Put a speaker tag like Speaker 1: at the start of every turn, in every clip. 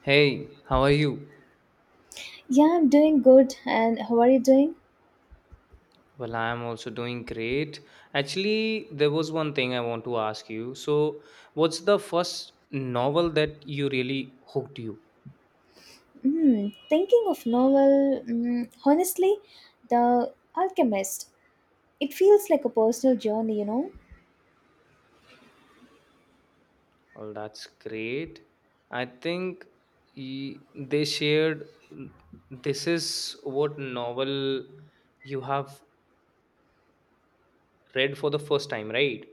Speaker 1: Hey, how are you?
Speaker 2: Yeah, I'm doing good. And how are you doing?
Speaker 1: Well, I am also doing great. Actually, there was one thing I want to ask you. So, what's the first novel that you really hooked you?
Speaker 2: Thinking of novel, honestly, The Alchemist. It feels like a personal journey,
Speaker 1: Well, that's great. I think they shared this is what novel you have read for the first time, right?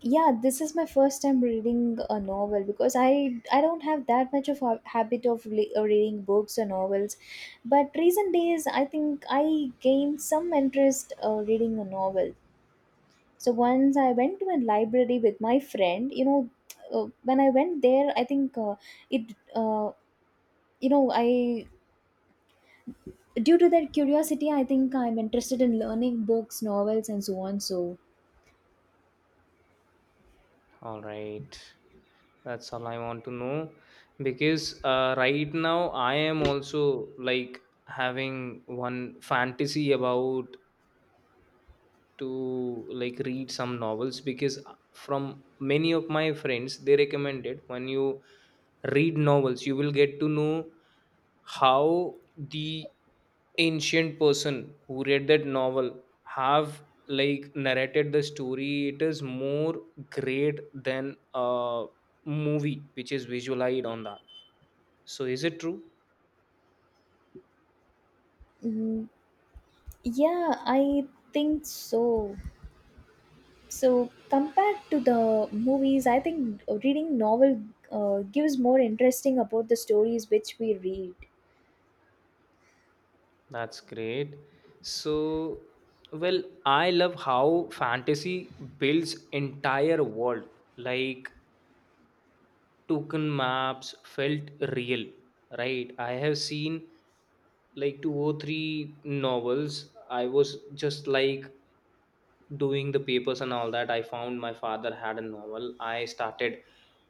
Speaker 2: Yeah, this is my first time reading a novel because I don't have that much of a habit of reading books or novels, but recent days I think I gained some interest reading a novel. So once I went to a library with my friend, when I went there, I think it you know I due to that curiosity, I think I'm interested in learning books, novels, and so on. So
Speaker 1: All right. That's all I want to know because right now I am also like having one fantasy about to like read some novels because from many of my friends they recommended when you read novels you will get to know how the ancient person who read that novel have like narrated the story. It is more great than a movie which is visualized on that. So is it true?
Speaker 2: mm, yeah, I think so. So compared to the movies, I think reading novel gives more interesting about the stories which we read.
Speaker 1: That's great. So well, I love how fantasy builds entire world like token maps felt real, right? I have seen like two or three novels. I was just like doing the papers and all that. I found my father had a novel. I started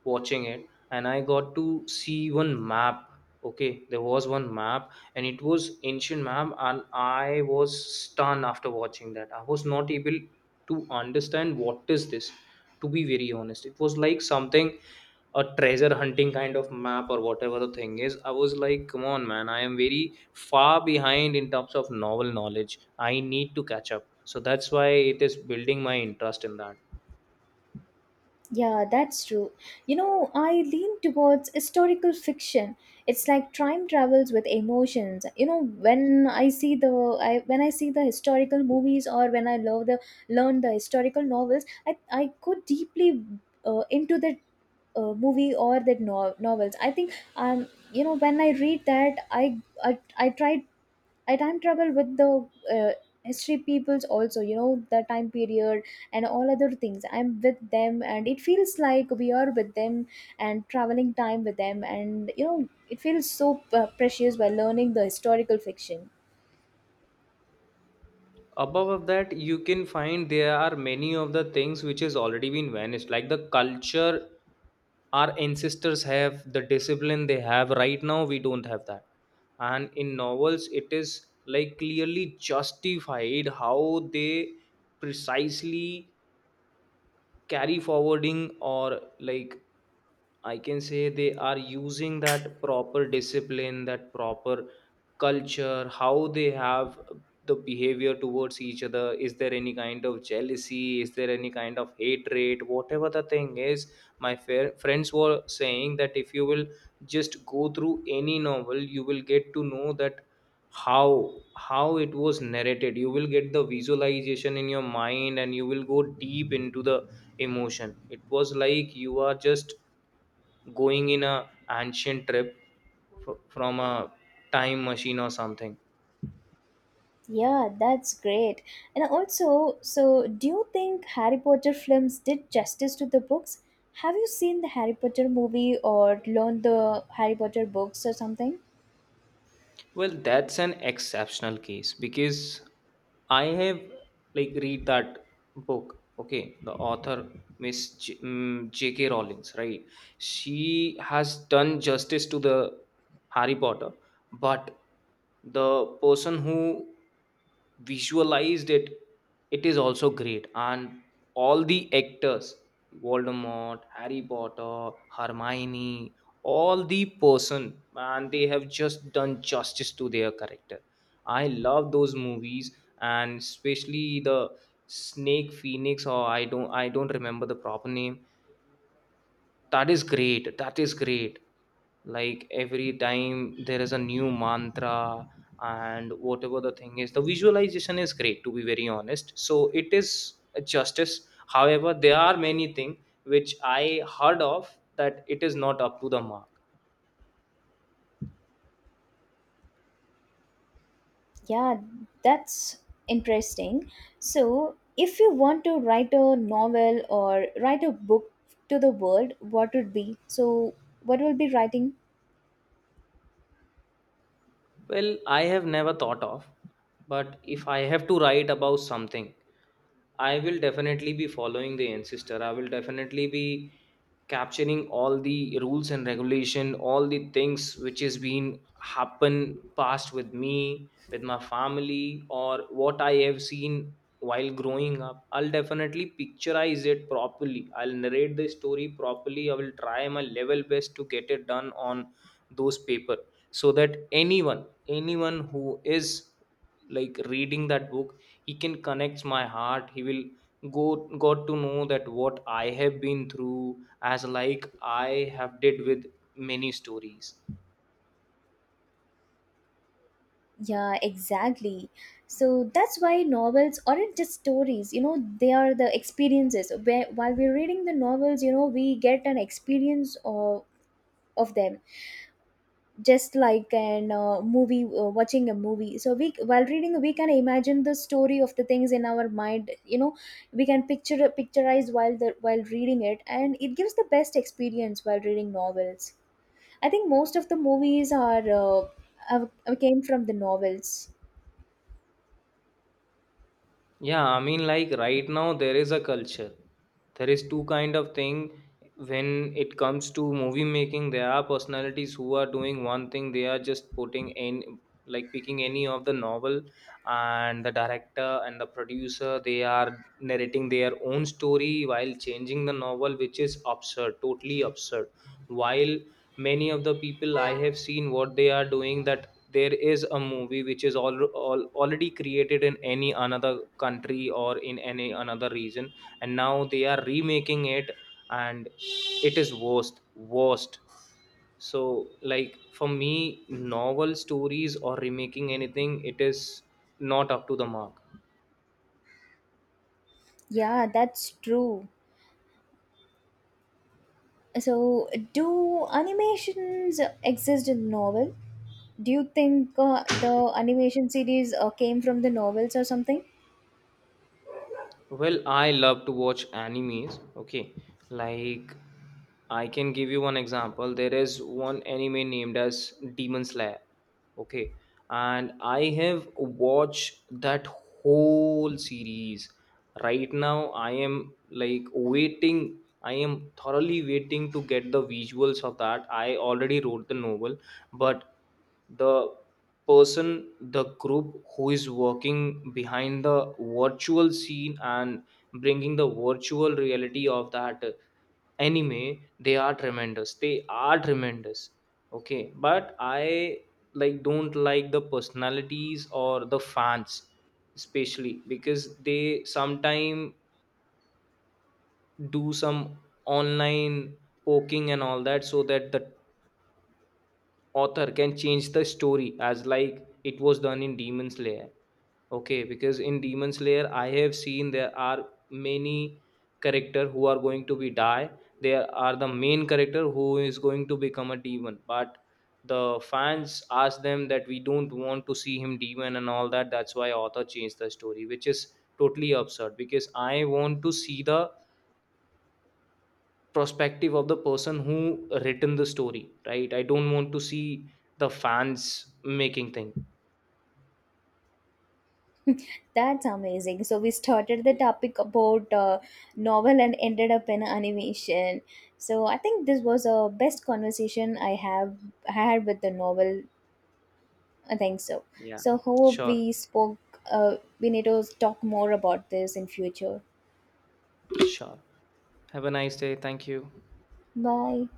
Speaker 1: watching it and I got to see one map. Okay, there was one map and it was ancient map and I was stunned after watching that. I was not able to understand what is this. To be very honest, it was like something a treasure hunting kind of map or whatever the thing is. I was like, come on, man, I am very far behind in terms of novel knowledge. I need to catch up. So that's why it is building my interest in that.
Speaker 2: Yeah, that's true. You know, I lean towards historical fiction. It's like time travels with emotions. You know, when I see the historical movies, or when I love the learn the historical novels, I go deeply into the movie or the novels. I think when I read that I try, I time travel with the uh, history peoples also, you know, the time period and all other things. I'm with them and it feels like we are with them and traveling time with them, and you know, it feels so precious by learning the historical fiction.
Speaker 1: Above of that you can find there are many of the things which has already been vanished like the culture. Our ancestors have the discipline they have. Right now we don't have that, and in novels it is like clearly justified how they precisely carry forwarding, or like I can say they are using that proper discipline, that proper culture, how they have the behavior towards each other. Is there any kind of jealousy? Is there any kind of hatred? Whatever the thing is, my fair, friends were saying that if you will just go through any novel, you will get to know that how it was narrated. You will get the visualization in your mind and you will go deep into the emotion. It was like you are just going in a ancient trip from a time machine or something.
Speaker 2: Yeah, that's great. And also, so do you think Harry Potter films did justice to the books? Have you seen the Harry Potter movie or learned the Harry Potter books or something?
Speaker 1: Well, that's an exceptional case because I have like read that book. Okay, the author, Miss JK Rowlings, right? She has done justice to the Harry Potter, but the person who visualized it, it is also great, and all the actors, Voldemort, Harry Potter, Hermione, all the person, man, they have just done justice to their character. I love those movies, and especially the snake phoenix, or I don't remember the proper name. That is great. That is great. Like every time there is a new mantra, and whatever the thing is, the visualization is great, to be very honest. So it is a justice. However, there are many things which I heard of that it is not up to the mark.
Speaker 2: Yeah, that's interesting. So, if you want to write a novel or write a book to the world, what would be? So, what will be writing?
Speaker 1: Well, I have never thought of, but if I have to write about something, I will definitely be following the ancestor. I will definitely be capturing all the rules and regulation, all the things which has been happen past with me, with my family, or what I have seen while growing up. I'll definitely picturize it properly. I'll narrate the story properly. I will try my level best to get it done on those paper so that anyone, anyone who is like reading that book, he can connect my heart. He will go got to know that what I have been through, as like I have did with many stories.
Speaker 2: Yeah, exactly. So that's why novels aren't just stories, you know, they are the experiences. Where, while we're reading the novels, you know, we get an experience of them. Just like an movie, watching a movie. So we, while reading, we can imagine the story of the things in our mind, you know, we can picture picturize while the while reading it, and it gives the best experience while reading novels. I think most of the movies are came from the novels.
Speaker 1: Yeah, I mean, like right now there is a culture. There is two kind of thing when it comes to movie making. There are personalities who are doing one thing. They are just putting in like picking any of the novel, and the director and the producer they are narrating their own story while changing the novel, which is absurd, totally absurd. While many of the people I have seen what they are doing, that there is a movie which is all already created in any another country or in any another region, and now they are remaking it, and it is worst. So like for me, novel stories or remaking anything, it is not up to the mark.
Speaker 2: Yeah, that's true. So do animations exist in novel? Do you think the animation series came from the novels or something?
Speaker 1: Well, I love to watch animes. Okay, like I can give you one example. There is one anime named as Demon Slayer. Okay, and I have watched that whole series. Right now, I am like waiting. I am thoroughly waiting to get the visuals of that. I already wrote the novel, but the person, the group who is working behind the virtual scene and bringing the virtual reality of that anime, they are tremendous. Okay, but I like don't like the personalities or the fans, especially because they sometime do some online poking and all that, so that the author can change the story, as like it was done in Demon Slayer. Okay, because in Demon Slayer, I have seen there are many character who are going to be die. There are the main character who is going to become a demon, but the fans ask them that we don't want to see him demon and all that. That's why author changed the story, which is totally absurd, because I want to see the perspective of the person who written the story, right? I don't want to see the fans making thing.
Speaker 2: That's amazing. So we started the topic about novel and ended up in animation. So I think this was a best conversation I have had with the novel. I think so.
Speaker 1: Yeah,
Speaker 2: So hope
Speaker 1: sure,
Speaker 2: we spoke. We need to talk more about this in future.
Speaker 1: sure. Have a nice day. Thank you.
Speaker 2: Bye.